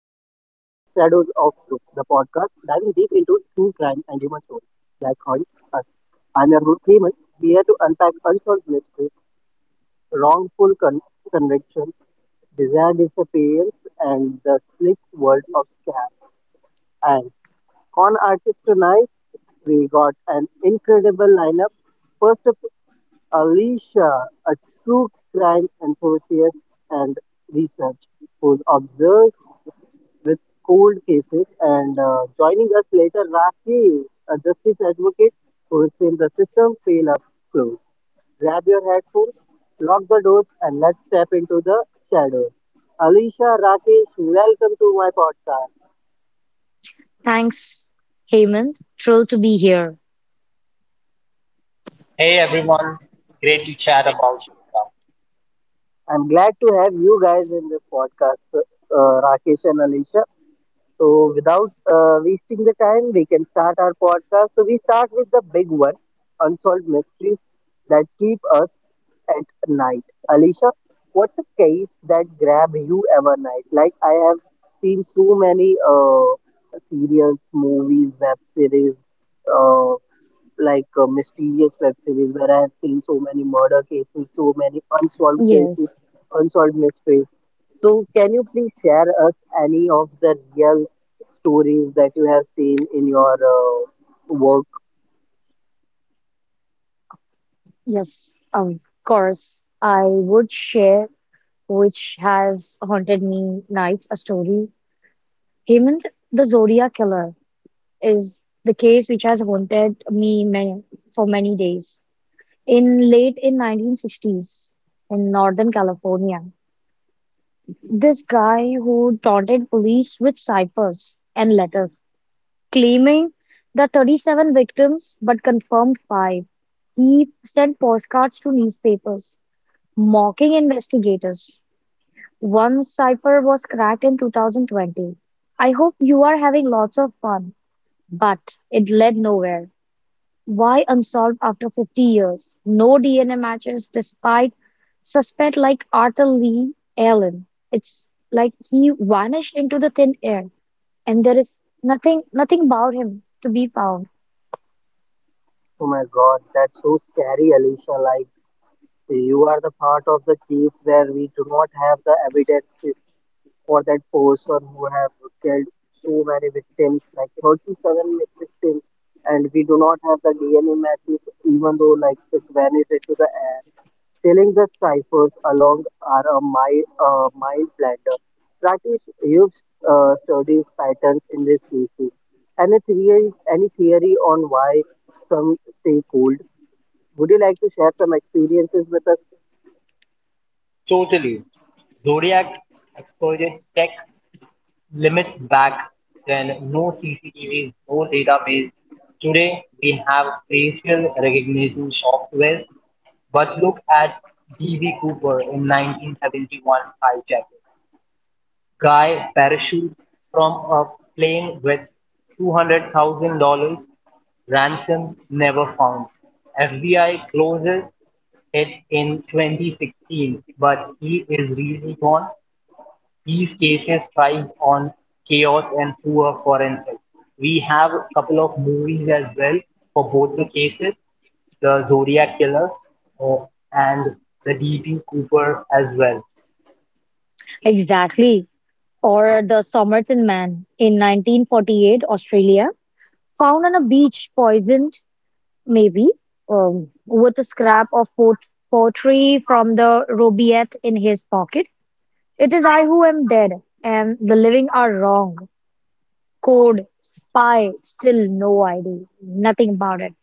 diving deep into true crime and human stories that haunt us. I'm your host, Heyman, here to unpack unsolved mysteries, wrongful convictions, desired disappearance, and the slick world of scams. And con artist tonight, we got an incredible lineup. First up Alicia, a true crime enthusiast and research, who's obsessed with cold cases, and joining us later, Rakesh, a justice advocate who's seen the system fail up close. Grab your headphones, lock the doors, and let's step into the shadows. Alicia, Rakesh, welcome to my podcast. Thanks, Heyman. Thrilled to be here. Hey everyone, great to chat about this stuff. I'm glad to have you guys in this podcast, Rakesh and Alicia. So, without wasting the time, we can start our podcast. So, we start with the big one unsolved mysteries that keep us at night. Alicia, what's a case that grab you ever night? Like, I have seen so many serials, movies, web series, uh, like mysterious web series where I have seen so many murder cases, so many unsolved Yes, cases, unsolved mysteries. So, can you please share us any of the real stories that you have seen in your work? yes, of course. I would share which has haunted me nights a story. Hemant, the Zodiac Killer, is the case which has haunted me many, for many days. In late in 1960s in Northern California, this guy who taunted police with ciphers and letters, claiming the 37 victims but confirmed five. He sent postcards to newspapers, mocking investigators. One cipher was cracked in 2020. I hope you are having lots of fun, but it led nowhere. Why unsolved after 50 years? No DNA matches despite suspect like Arthur Lee Allen. It's like he vanished into the thin air, and there is nothing about him to be found. Oh my God, that's so scary, Alicia. Like you are the part of the case where we do not have the evidences for that person who have killed so many victims, like 37 victims, and we do not have the DNA matches, even though like it vanished into the air. Selling the ciphers along are a mind blender. That is, you've studies patterns in this species. Any theory on why some stay cold? Would you like to share some experiences with us? Totally. Zodiac exploited tech limits back then, no CCTVs, no database. Today we have facial recognition softwares, but look at DB Cooper in 1971 hijack. Guy parachutes from a plane with $200,000 ransom never found. FBI closes it in 2016, but he is really gone. These cases thrive on chaos and poor forensics. We have a couple of movies as well for both the cases, the Zodiac Killer uh, and the DB Cooper as well. Exactly. Or the Somerton man in 1948, Australia, found on a beach poisoned, maybe, with a scrap of pottery from the rubaiyat in his pocket. It is I who am dead, and the living are wrong. Code, spy, still no idea, nothing about it.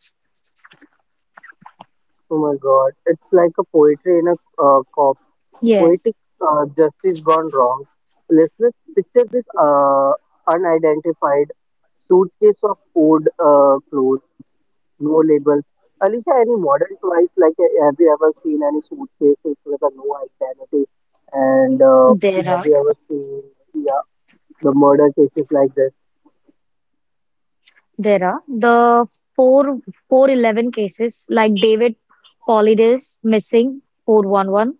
Oh my God, it's like a poetry in a corpse. Yes, Poetic justice gone wrong. Listeners, picture this unidentified suitcase of old clothes, no labels. Alicia, any modern toys like have you ever seen any suitcases with a no identity? And there have are you ever seen yeah, the murder cases like this? there are the four four eleven cases like David Polides missing 411.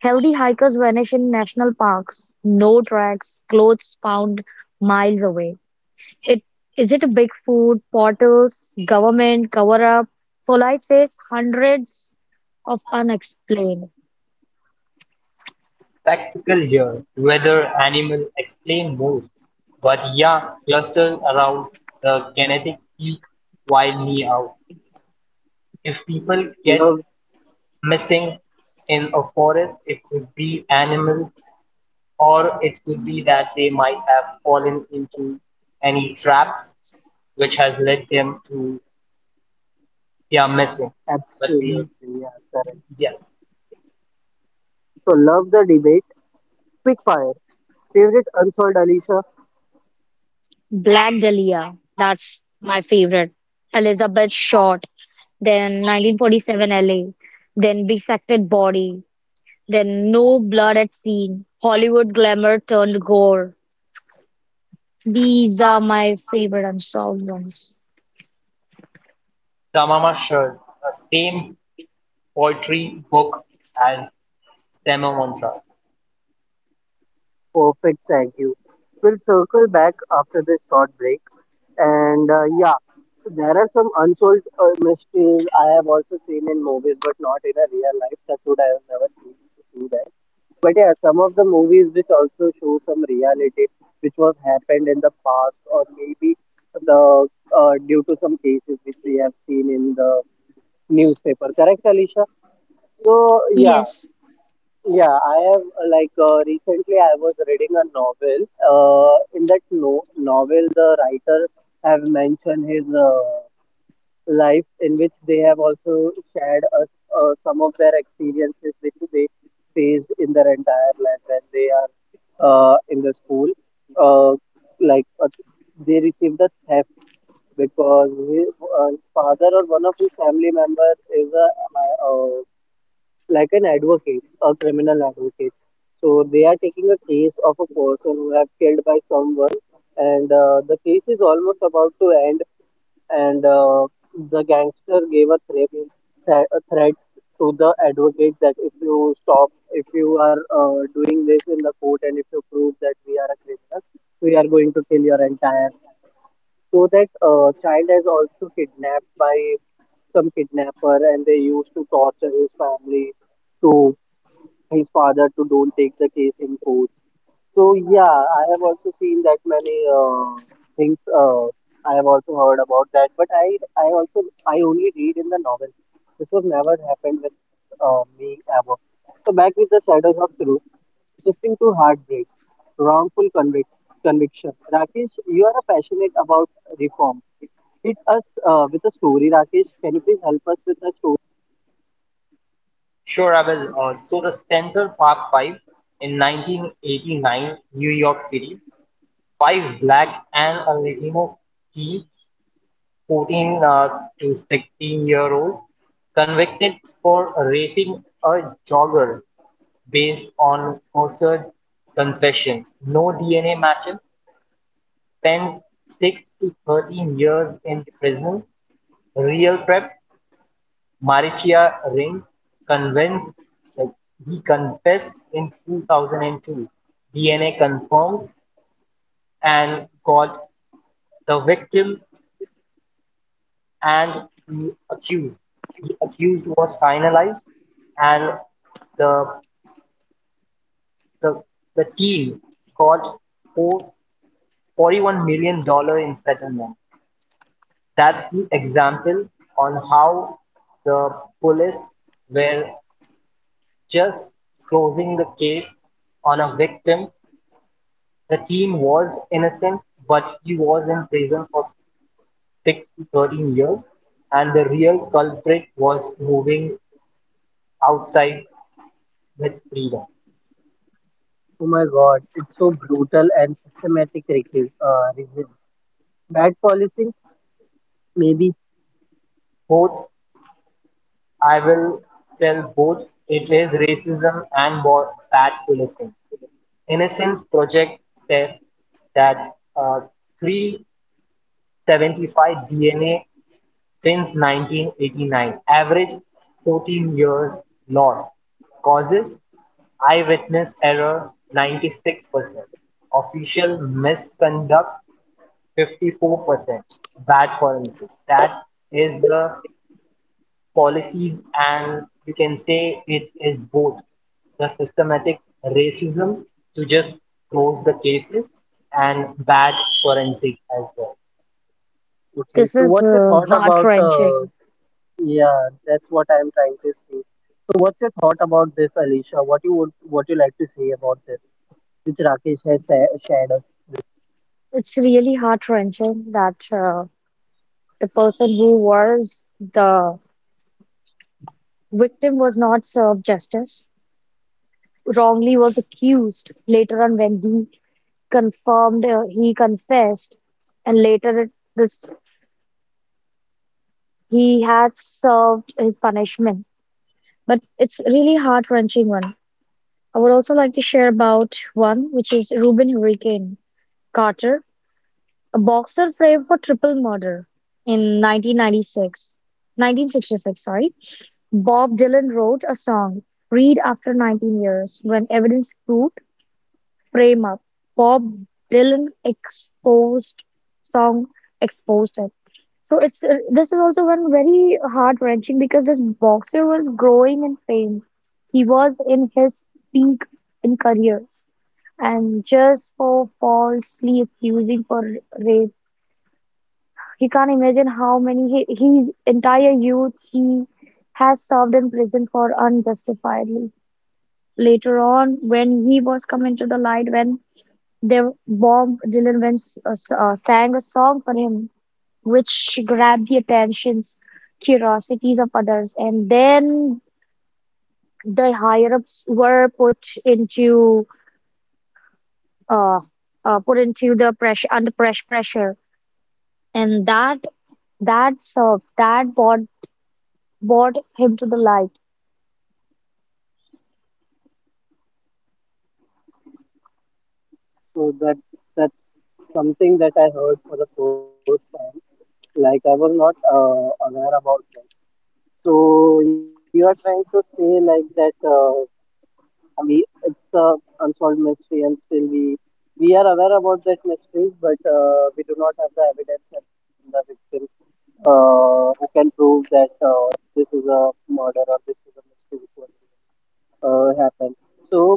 Healthy hikers vanish in national parks. No tracks, clothes found miles away. It is it a big food, portals, government, cover up? Polite says hundreds of unexplained. Spectacle here, whether animal explain most, but yeah, cluster around the kinetic peak while me out. If people get Love, missing in a forest, it could be animal or it could be that they might have fallen into any traps which has led them to their missings. But we, absolutely, yeah, correct. yes, So love the debate. Quick fire. Favorite unsolved Alicia Black Dahlia, that's my favorite. Elizabeth Short, then 1947 LA, then Bisected Body, then No Blood at Scene, Hollywood Glamour turned Gore. These are my favorite unsolved ones. Damama shares the same poetry book as Sema Mantra. Perfect Thank you. We'll circle back after this short break. And yeah, so there are some unsolved mysteries I have also seen in movies, but not in a real life. That's what I have never seen to see that. But yeah, some of the movies which also show some reality, which was happened in the past, or maybe the due to some cases which we have seen in the newspaper. Correct, Alicia? So yeah, Yes, yeah, I have like recently I was reading a novel. In that no novel, the writer have mentioned his life, in which they have also shared us some of their experiences which they faced in their entire life when they are in the school. Uh, like uh, they received a theft because his father or one of his family member is a like an advocate, a criminal advocate. So they are taking a case of a person who have killed by someone, and the case is almost about to end. And the gangster gave a threat, a threat to the advocate that if you stop, if you are doing this in the court, and if you prove that we are a criminal, we are going to kill your entire family. So that child is also kidnapped by some kidnapper, and they used to torture his family to his father to don't take the case in courts. So yeah, I have also seen that many things. I have also heard about that, but I only read in the novels. This was never happened with me ever. So back with the shadows of truth, shifting to heartbreaks, wrongful conviction. Rakesh, you are passionate about reform. Hit us with a story, Rakesh. Can you please help us with a story? Sure, I will. So the Central Park Five in 1989, New York City, five black and a Latino teen, 14 to 16 year old, convicted for raping a jogger based on coerced confession. No DNA matches. Spent six to 13 years in prison. Real prep Maritia Reigns convinced like he confessed in 2002. DNA confirmed and got the victim and the accused. The accused was finalized and the the, the team got four, $41 million in settlement. That's the example on how the police were just closing the case on a victim. The teen was innocent, but he was in prison for six to 13 years, and the real culprit was moving outside with freedom. Oh my God, it's so brutal and systematic racism. Bad policing, maybe. Both, I will tell both, it is racism and more bad policing. Innocence Project states that uh, 375 DNA since 1989, average 14 years loss causes eyewitness error 96%, official misconduct 54%, bad forensic. That is the policies and you can say it is both the systematic racism to just close the cases and bad forensic as well. Okay, this so is what's your thought about? Heart-wrenching. Yeah, that's what I'm trying to say. So what's your thought about this, Alicia? What you like to say about this, which Rakesh has shared us with? It's really heart-wrenching that the person who was the victim was not served justice, wrongly was accused. Later on, when he confirmed, he confessed, and later it, this he had served his punishment. But it's really heart-wrenching one. I would also like to share about one which is Reuben Hurricane Carter. A boxer framed for triple murder in 1996, 1966, sorry, Bob Dylan wrote a song, Read After 19 Years, when evidence proved frame up. Bob Dylan exposed song exposed it. So it's this is also one very heart wrenching because this boxer was growing in fame. He was in his peak in careers, and just for falsely accusing for rape he can't imagine how many he, his entire youth he has served in prison for unjustifiably. Later on, when he was coming to the light, when they bombed Dylan, when sang a song for him, which grabbed the attentions, curiosities of others, and then the higher ups were put into uh, the pressure under press pressure, and that served that brought him to the light. Okay, so that's something that I heard for the first time. Like I was not aware about this. So you are trying to say like that. We it's a unsolved mystery and still we are aware about that mysteries but we do not have the evidence and the victims who can prove that this is a murder or this is a mystery which was really, happened so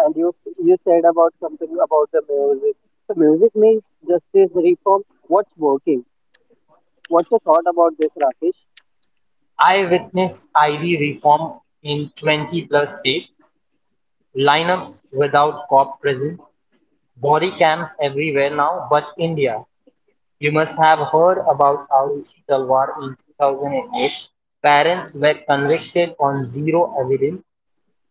yeah and you said about something about the music so music means justice reform what's working what's your thought about this rakesh I witnessed Ivy reform in 20 plus states, lineups without cop presence, body cams everywhere now but India. You must have heard about Arushi Talwar in 2008. Parents were convicted on zero evidence,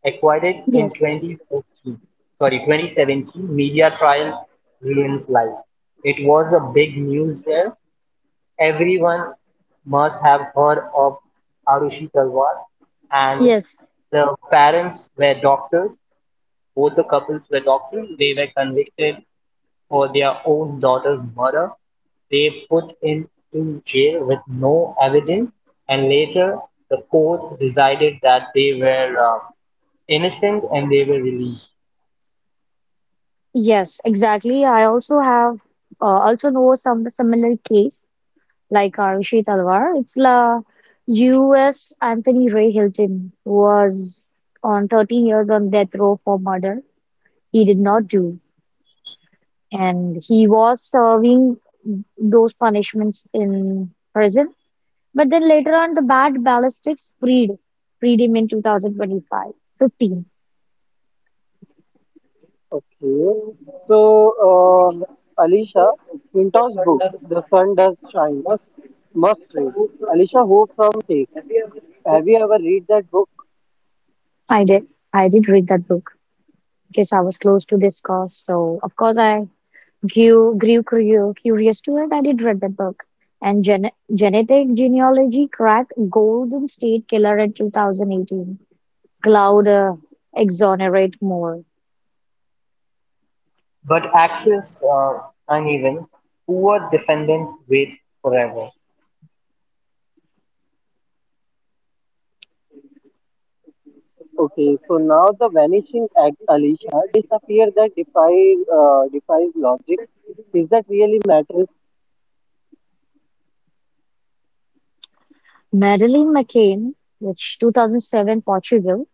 acquitted in Yes, 2014. Sorry, 2017 media trial ruins life. It was a big news there. Everyone must have heard of Arushi Talwar, and yes, the parents were doctors. Both the couples were doctors. They were convicted for their own daughter's murder. They put into jail with no evidence, and later the court decided that they were innocent and they were released. yes, exactly. I also have also know some similar case like Arushi Talwar. It's la U.S. Anthony Ray Hilton was on 13 years on death row for murder he did not do, and he was serving those punishments in prison. But then later on, the bad ballistics freed him in 2025, 15. okay so alisha Minto's book, The Sun Does Shine, Must read. Alicia Ho from Take. Have you ever read that book? I did, I did, read that book, because I was close to this cause. So of course I grew curious to it. I did read the book. And Genetic Genealogy cracked Golden State Killer in 2018. Cloud exonerate more. But access uneven, poor defendant wait forever. Okay, okay. So now the vanishing act, Alicia, disappear that defies logic. Is that really matters? Madeleine McCain, which 2007 Portugal,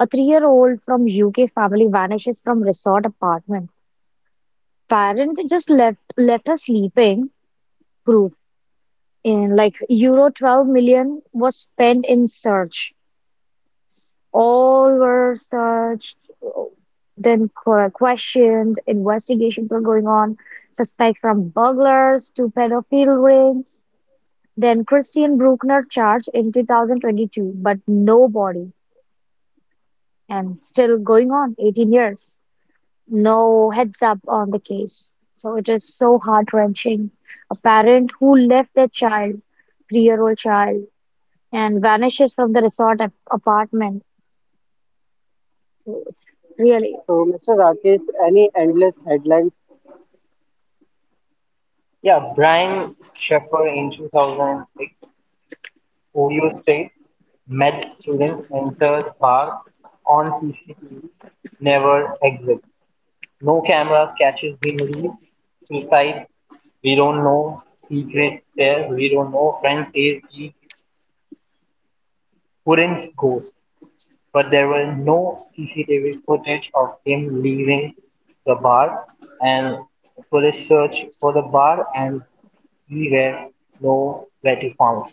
a three-year-old from UK family vanishes from resort apartment. Parent just left her sleeping. Proof in like euro 12 million was spent in search. All were searched, then questioned, investigations were going on, suspects from burglars to pedophile rings. Then Christian Bruckner charged in 2022, but no body, and still going on 18 years. No heads up on the case. So it is so heart-wrenching. A parent who left their child, three-year-old child, and vanishes from the resort apartment. Really. So, Mr. Rakesh, any endless headlines? Yeah, Brian Sheffer in 2006, Ohio State med student enters bar on CCTV, never exits. No cameras catches him leave. Suicide, we don't know. Secret there, we don't know. Friend says he couldn't ghost, but there were no CCTV footage of him leaving the bar. And police search for the bar, and we were nowhere to found.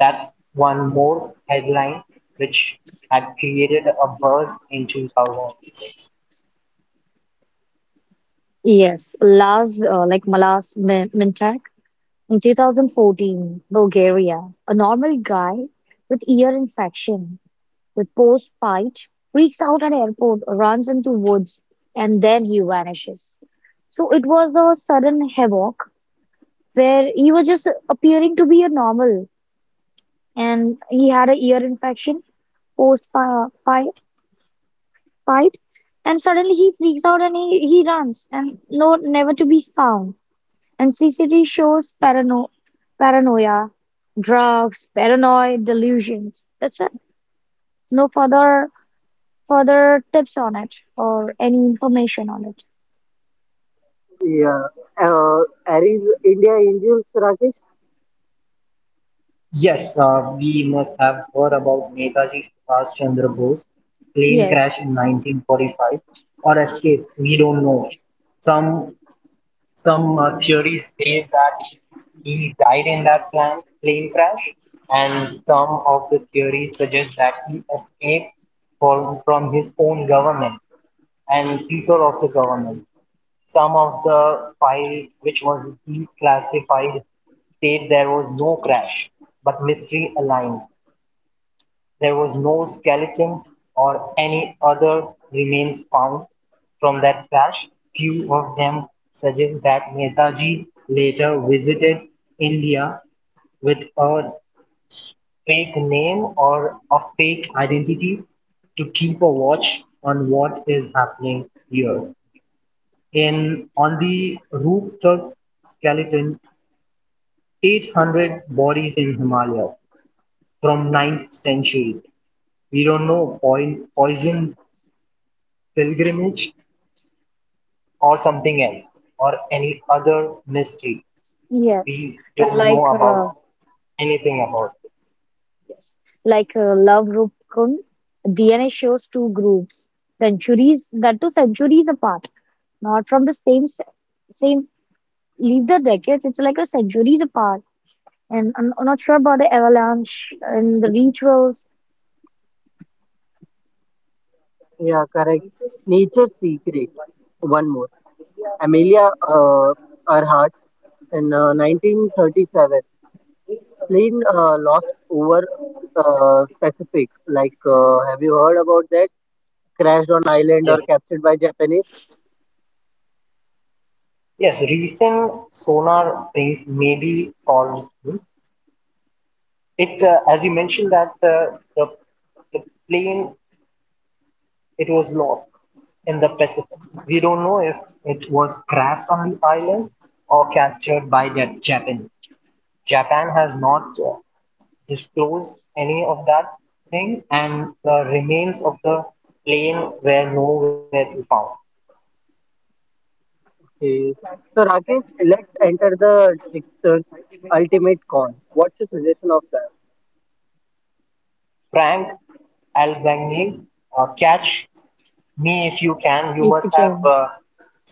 That's one more headline which had created a buzz in 2006. Yes, like Malas Mintak in 2014, Bulgaria. A normal guy with ear infection, with post-fight, freaks out at airport, runs into woods, and then he vanishes. So it was a sudden havoc where he was just appearing to be a normal, and he had a ear infection post-fight, and suddenly he freaks out and he runs, and no, never to be found. And Anxiety shows paranoia, drugs, paranoid delusions. That's it. No further tips on it or any information on it. Yeah. Uh, Aries, India Angels, Rakesh? Yes, we must have heard about Netaji Subhash Chandra Bose plane Yes, crash in 1945 or escape. We don't know. Some some theory says that he died in that plane crash, and some of the theories suggest that he escaped from his own government and people of the government. Some of the file which was declassified state there was no crash, but Mystery Alliance. There was no skeleton or any other remains found from that crash. Few of them suggest that Netaji later visited India with a fake name or a fake identity to keep a watch on what is happening here. In on the rooftop skeleton, 800 bodies in Himalayas from 9th century. We don't know poisoned pilgrimage or something else or any other mystery. yes. We don't know Like about anything about yes, like Love Rupkun, DNA shows two groups, centuries that two centuries apart, not from the same same. Leave the decades. It's like a centuries apart, and I'm not sure about the avalanche and the rituals Yeah, correct. Nature's Secret. One more. Amelia Earhart in 1937. Plane Lost over Pacific. Like, have you heard about that? Crashed on island it. or Yes, captured by Japanese? yes. Recent sonar things maybe solves it. As you mentioned that the plane, it was lost in the Pacific. We don't know if it was crashed on the island or captured by the Japanese. Japan has not disclosed any of that thing, and the remains of the plane were nowhere to be found. Okay. So Rakesh, let's enter the trickster's ultimate con. What's your suggestion of that? Frank Albanese, catch me if you can, you if you must have can.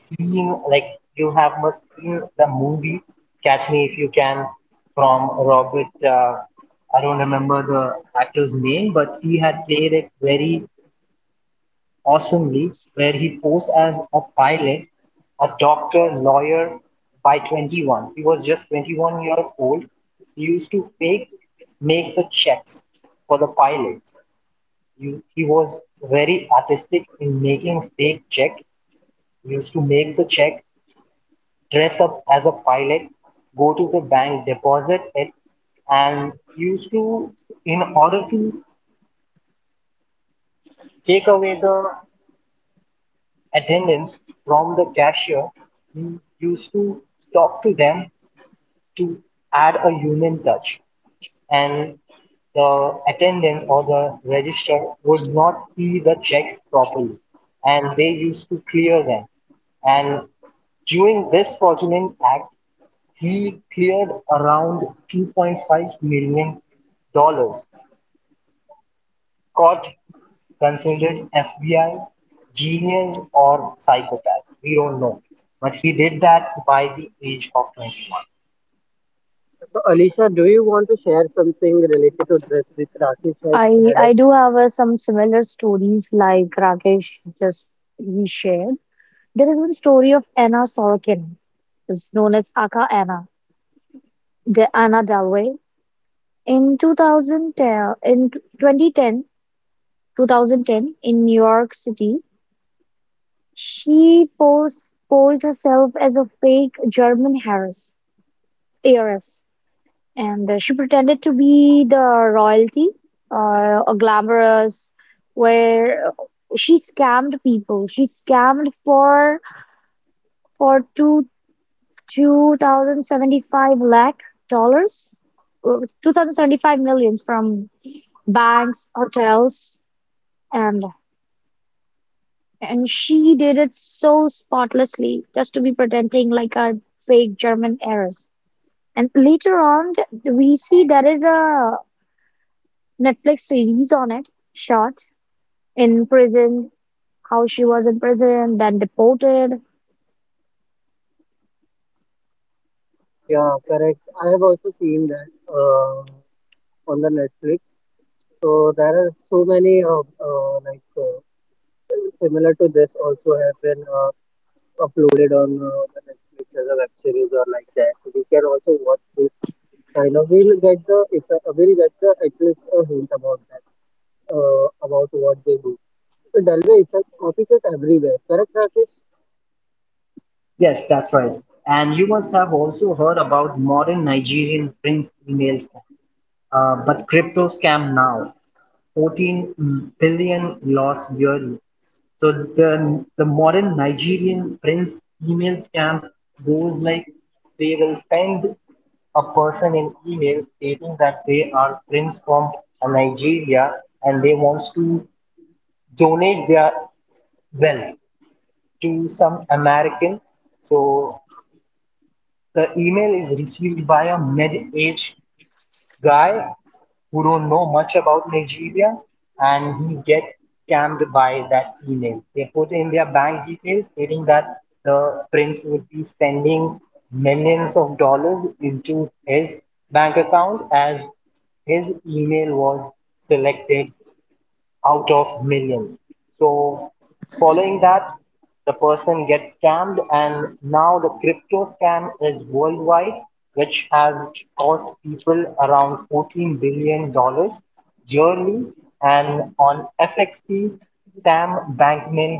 seen, like you have must seen the movie Catch Me If You Can from Robert, I don't remember the actor's name, but he had played it very awesomely, where he posed as a pilot, a doctor, lawyer. By 21, he was just 21-year old. He used to fake make the checks for the pilots. You, he was very artistic in making fake checks, used to make the check, dress up as a pilot, go to the bank, deposit it, and used to, in order to take away the attendance from the cashier, he used to talk to them to add a human touch. And the attendant or the register would not see the checks properly, and they used to clear them. And during this fraudulent act, he cleared around $2.5 million. Caught, considered FBI genius or psychopath. We don't know. But he did that by the age of 21. So Alicia, do you want to share something related to this with Rakesh has I shared I us? do have some similar stories like Rakesh just we shared. There is one story of Anna Sorokin, is known as Aka Anna, the Anna Dalway. In 2010, in 2010 2010 in New York City, she posed herself as a fake German heiress and she pretended to be the royalty or a glamorous where she scammed for two 2075 lakh dollars, 2075 millions from banks, hotels, and and she did it so spotlessly, just to be pretending like a fake German heiress, and later on we see there is a Netflix series on it, shot in prison, how she was in prison, then deported. Yeah, correct. I have also seen that on the Netflix. So there are so many similar to this also have been uploaded on the Netflix as a web series or like that. We can also watch this kind of. We'll get the if we'll get the at least a hint about that about what they do. So Dalway effect copycat everywhere. Correct, Rakesh? Yes, that's right. And you must have also heard about modern Nigerian Prince email scam, but crypto scam now. 14 billion lost yearly. So the modern Nigerian prince email scam goes like they will send a person an email stating that they are prince from Nigeria, and they wants to donate their wealth to some American. So the email is received by a mid-aged guy who don't know much about Nigeria, and he gets scammed by that email. They put in their bank details stating that the prince would be sending millions of dollars into his bank account as his email was selected out of millions. So, following that, the person gets scammed, and now the crypto scam is worldwide, which has cost people around $14 billion dollars yearly. And on FXT, Sam Bankman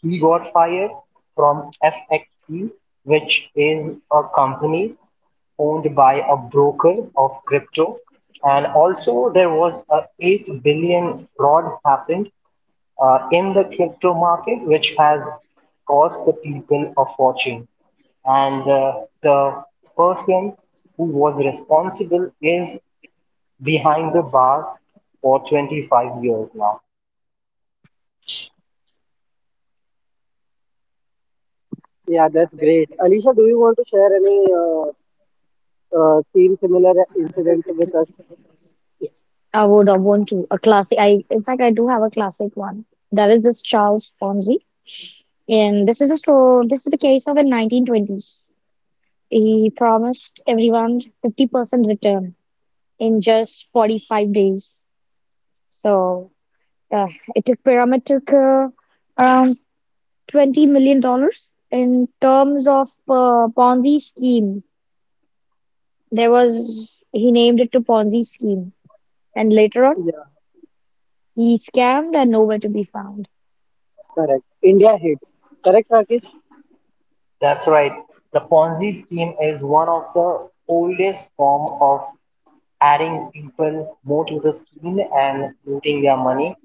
he got fired from FXT, which is a company owned by a broker of crypto. And also there was a 8 billion fraud happened in the crypto market, which has cost the people a fortune. And the person who was responsible is behind the bars for 25 years now. Yeah, that's great. Alicia, do you want to share any same similar incident with us? I would have want to a classic. I in fact, I do have a classic one. That is this Charles Ponzi, and this is a story. This is the case of in 1920s. He promised everyone 50% return in just 45 days. So uh, it took pyramid took around $20 million in terms of Ponzi scheme. There was he named it to Ponzi scheme, and later on Yeah, he scammed and nowhere to be found. correct. India hits. Correct, Rakesh? That's right. The Ponzi scheme is one of the oldest form of adding people more to the scheme and looting their money.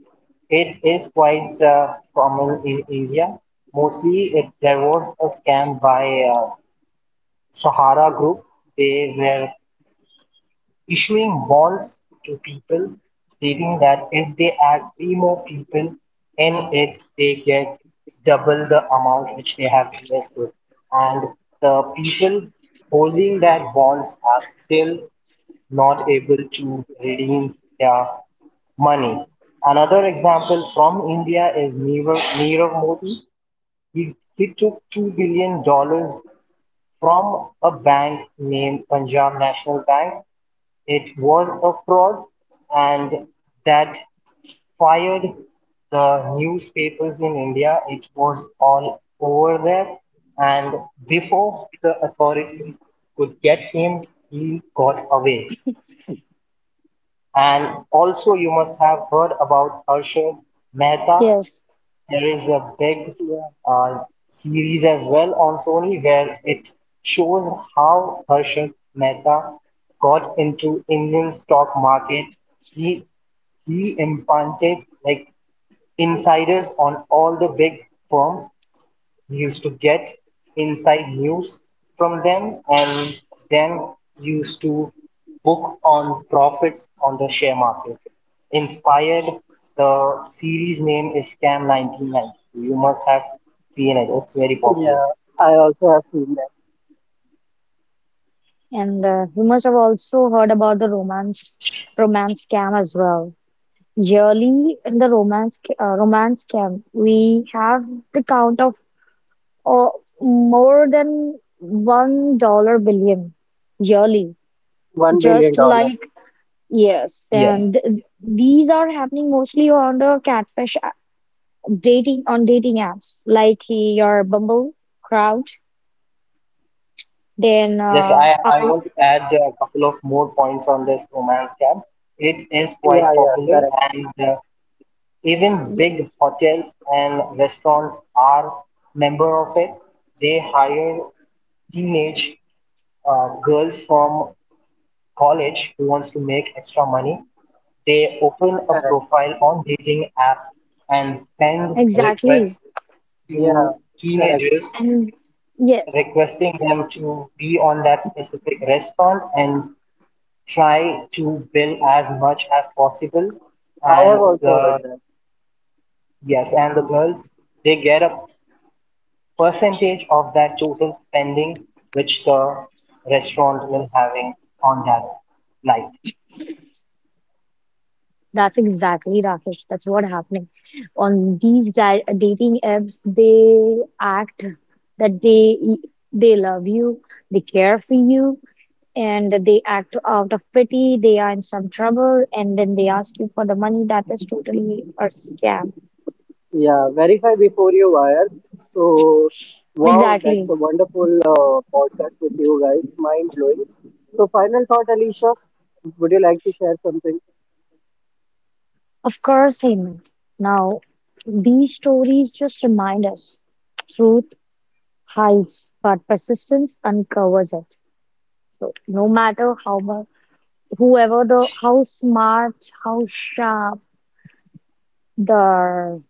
It is quite common in India. Mostly, it, there was a scam by Sahara Group. They were issuing bonds to people stating that if they add three more people in it, they get double the amount which they have invested. And the people holding that bonds are still not able to redeem their money. Another example from India is Nirav Modi. He took $2 billion dollars from a bank named Punjab National Bank. It was a fraud, and that fired the newspapers in India. It was all over there, and before the authorities could get him, he got away. And also, you must have heard about Harshad Mehta. Yes, There is a big Yeah, uh, series as well on Sony where it shows how Harshad Mehta got into Indian stock market. He he implanted like insiders on all the big firms. You used to get inside news from them and then used to book on profits on the share markets. Inspired, the series name is Scam 1992. You must have seen it, it's very popular. yeah. I also have seen that. and you must have also heard about the romance scam as well. Yearly in the romance scam, we have the count of uh, more than $1 billion yearly, One billion just dollar. like yes, Yes. and these are happening mostly on the catfish, dating apps like your Bumble, Crowd, then Yes, I want to add a couple of more points on this romance scam. It is Yeah, quite yeah. popular Correct, and even big hotels and restaurants are member of it. They hire teenage girls from college who wants to make extra money. They open a correct. profile on dating app and send exactly. requests to Yeah, correct. teenagers And yes, requesting them to be on that specific restaurant and try to bill as much as possible I and have also heard the that. yes, and the girls they get a percentage of that total spending which the restaurant will having on that night. that's exactly Rakesh. That's what happening on these di dating apps. They act that they love you, they care for you, and they act out of pity. They are in some trouble, and then they ask you for the money. That is totally a scam. Yeah, verify before you wire. So, wow, Exactly. that's a wonderful podcast with you guys. Mind blowing. So, final thought, Alicia, would you like to share something? Of course, Hemant. Now, these stories just remind us truth hides, but persistence uncovers it. So, no matter how much, whoever the, how smart, how sharp the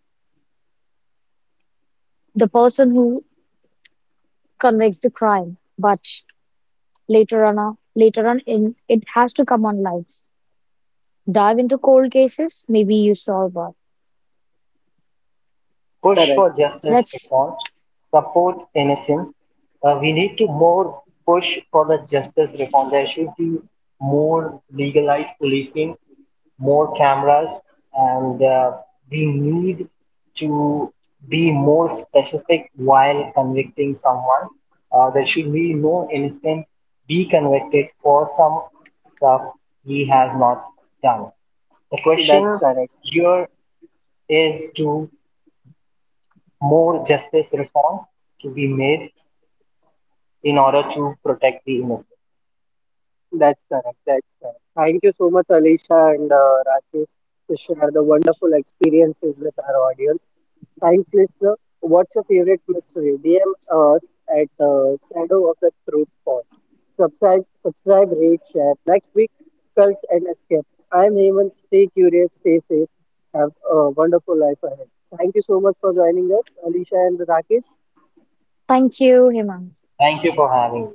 the person who convicts the crime, but later on, in it has to come on lights. Dive into cold cases, maybe you solve one. Push Correct. for justice That's reform, support innocence. We need to more push for the justice reform. There should be more legalized policing, more cameras, and we need to be more specific while convicting someone. There should be no innocent be convicted for some stuff he has not done. The That's question correct. here is to more justice reform to be made in order to protect the innocents. That's correct. That's correct. Thank you so much, Alicia and Rakesh, to share the wonderful experiences with our audience. Thanks, listener. What's your favorite mystery? DM us at Shadow of the Truth Pod. Subscribe, subscribe, rate, share. Next week, Cults and Escape. I'm Hemant. Stay curious, stay safe. Have a wonderful life ahead. Thank you so much for joining us, Alicia and Rakesh. thank you, Hemant. Thank you for having me.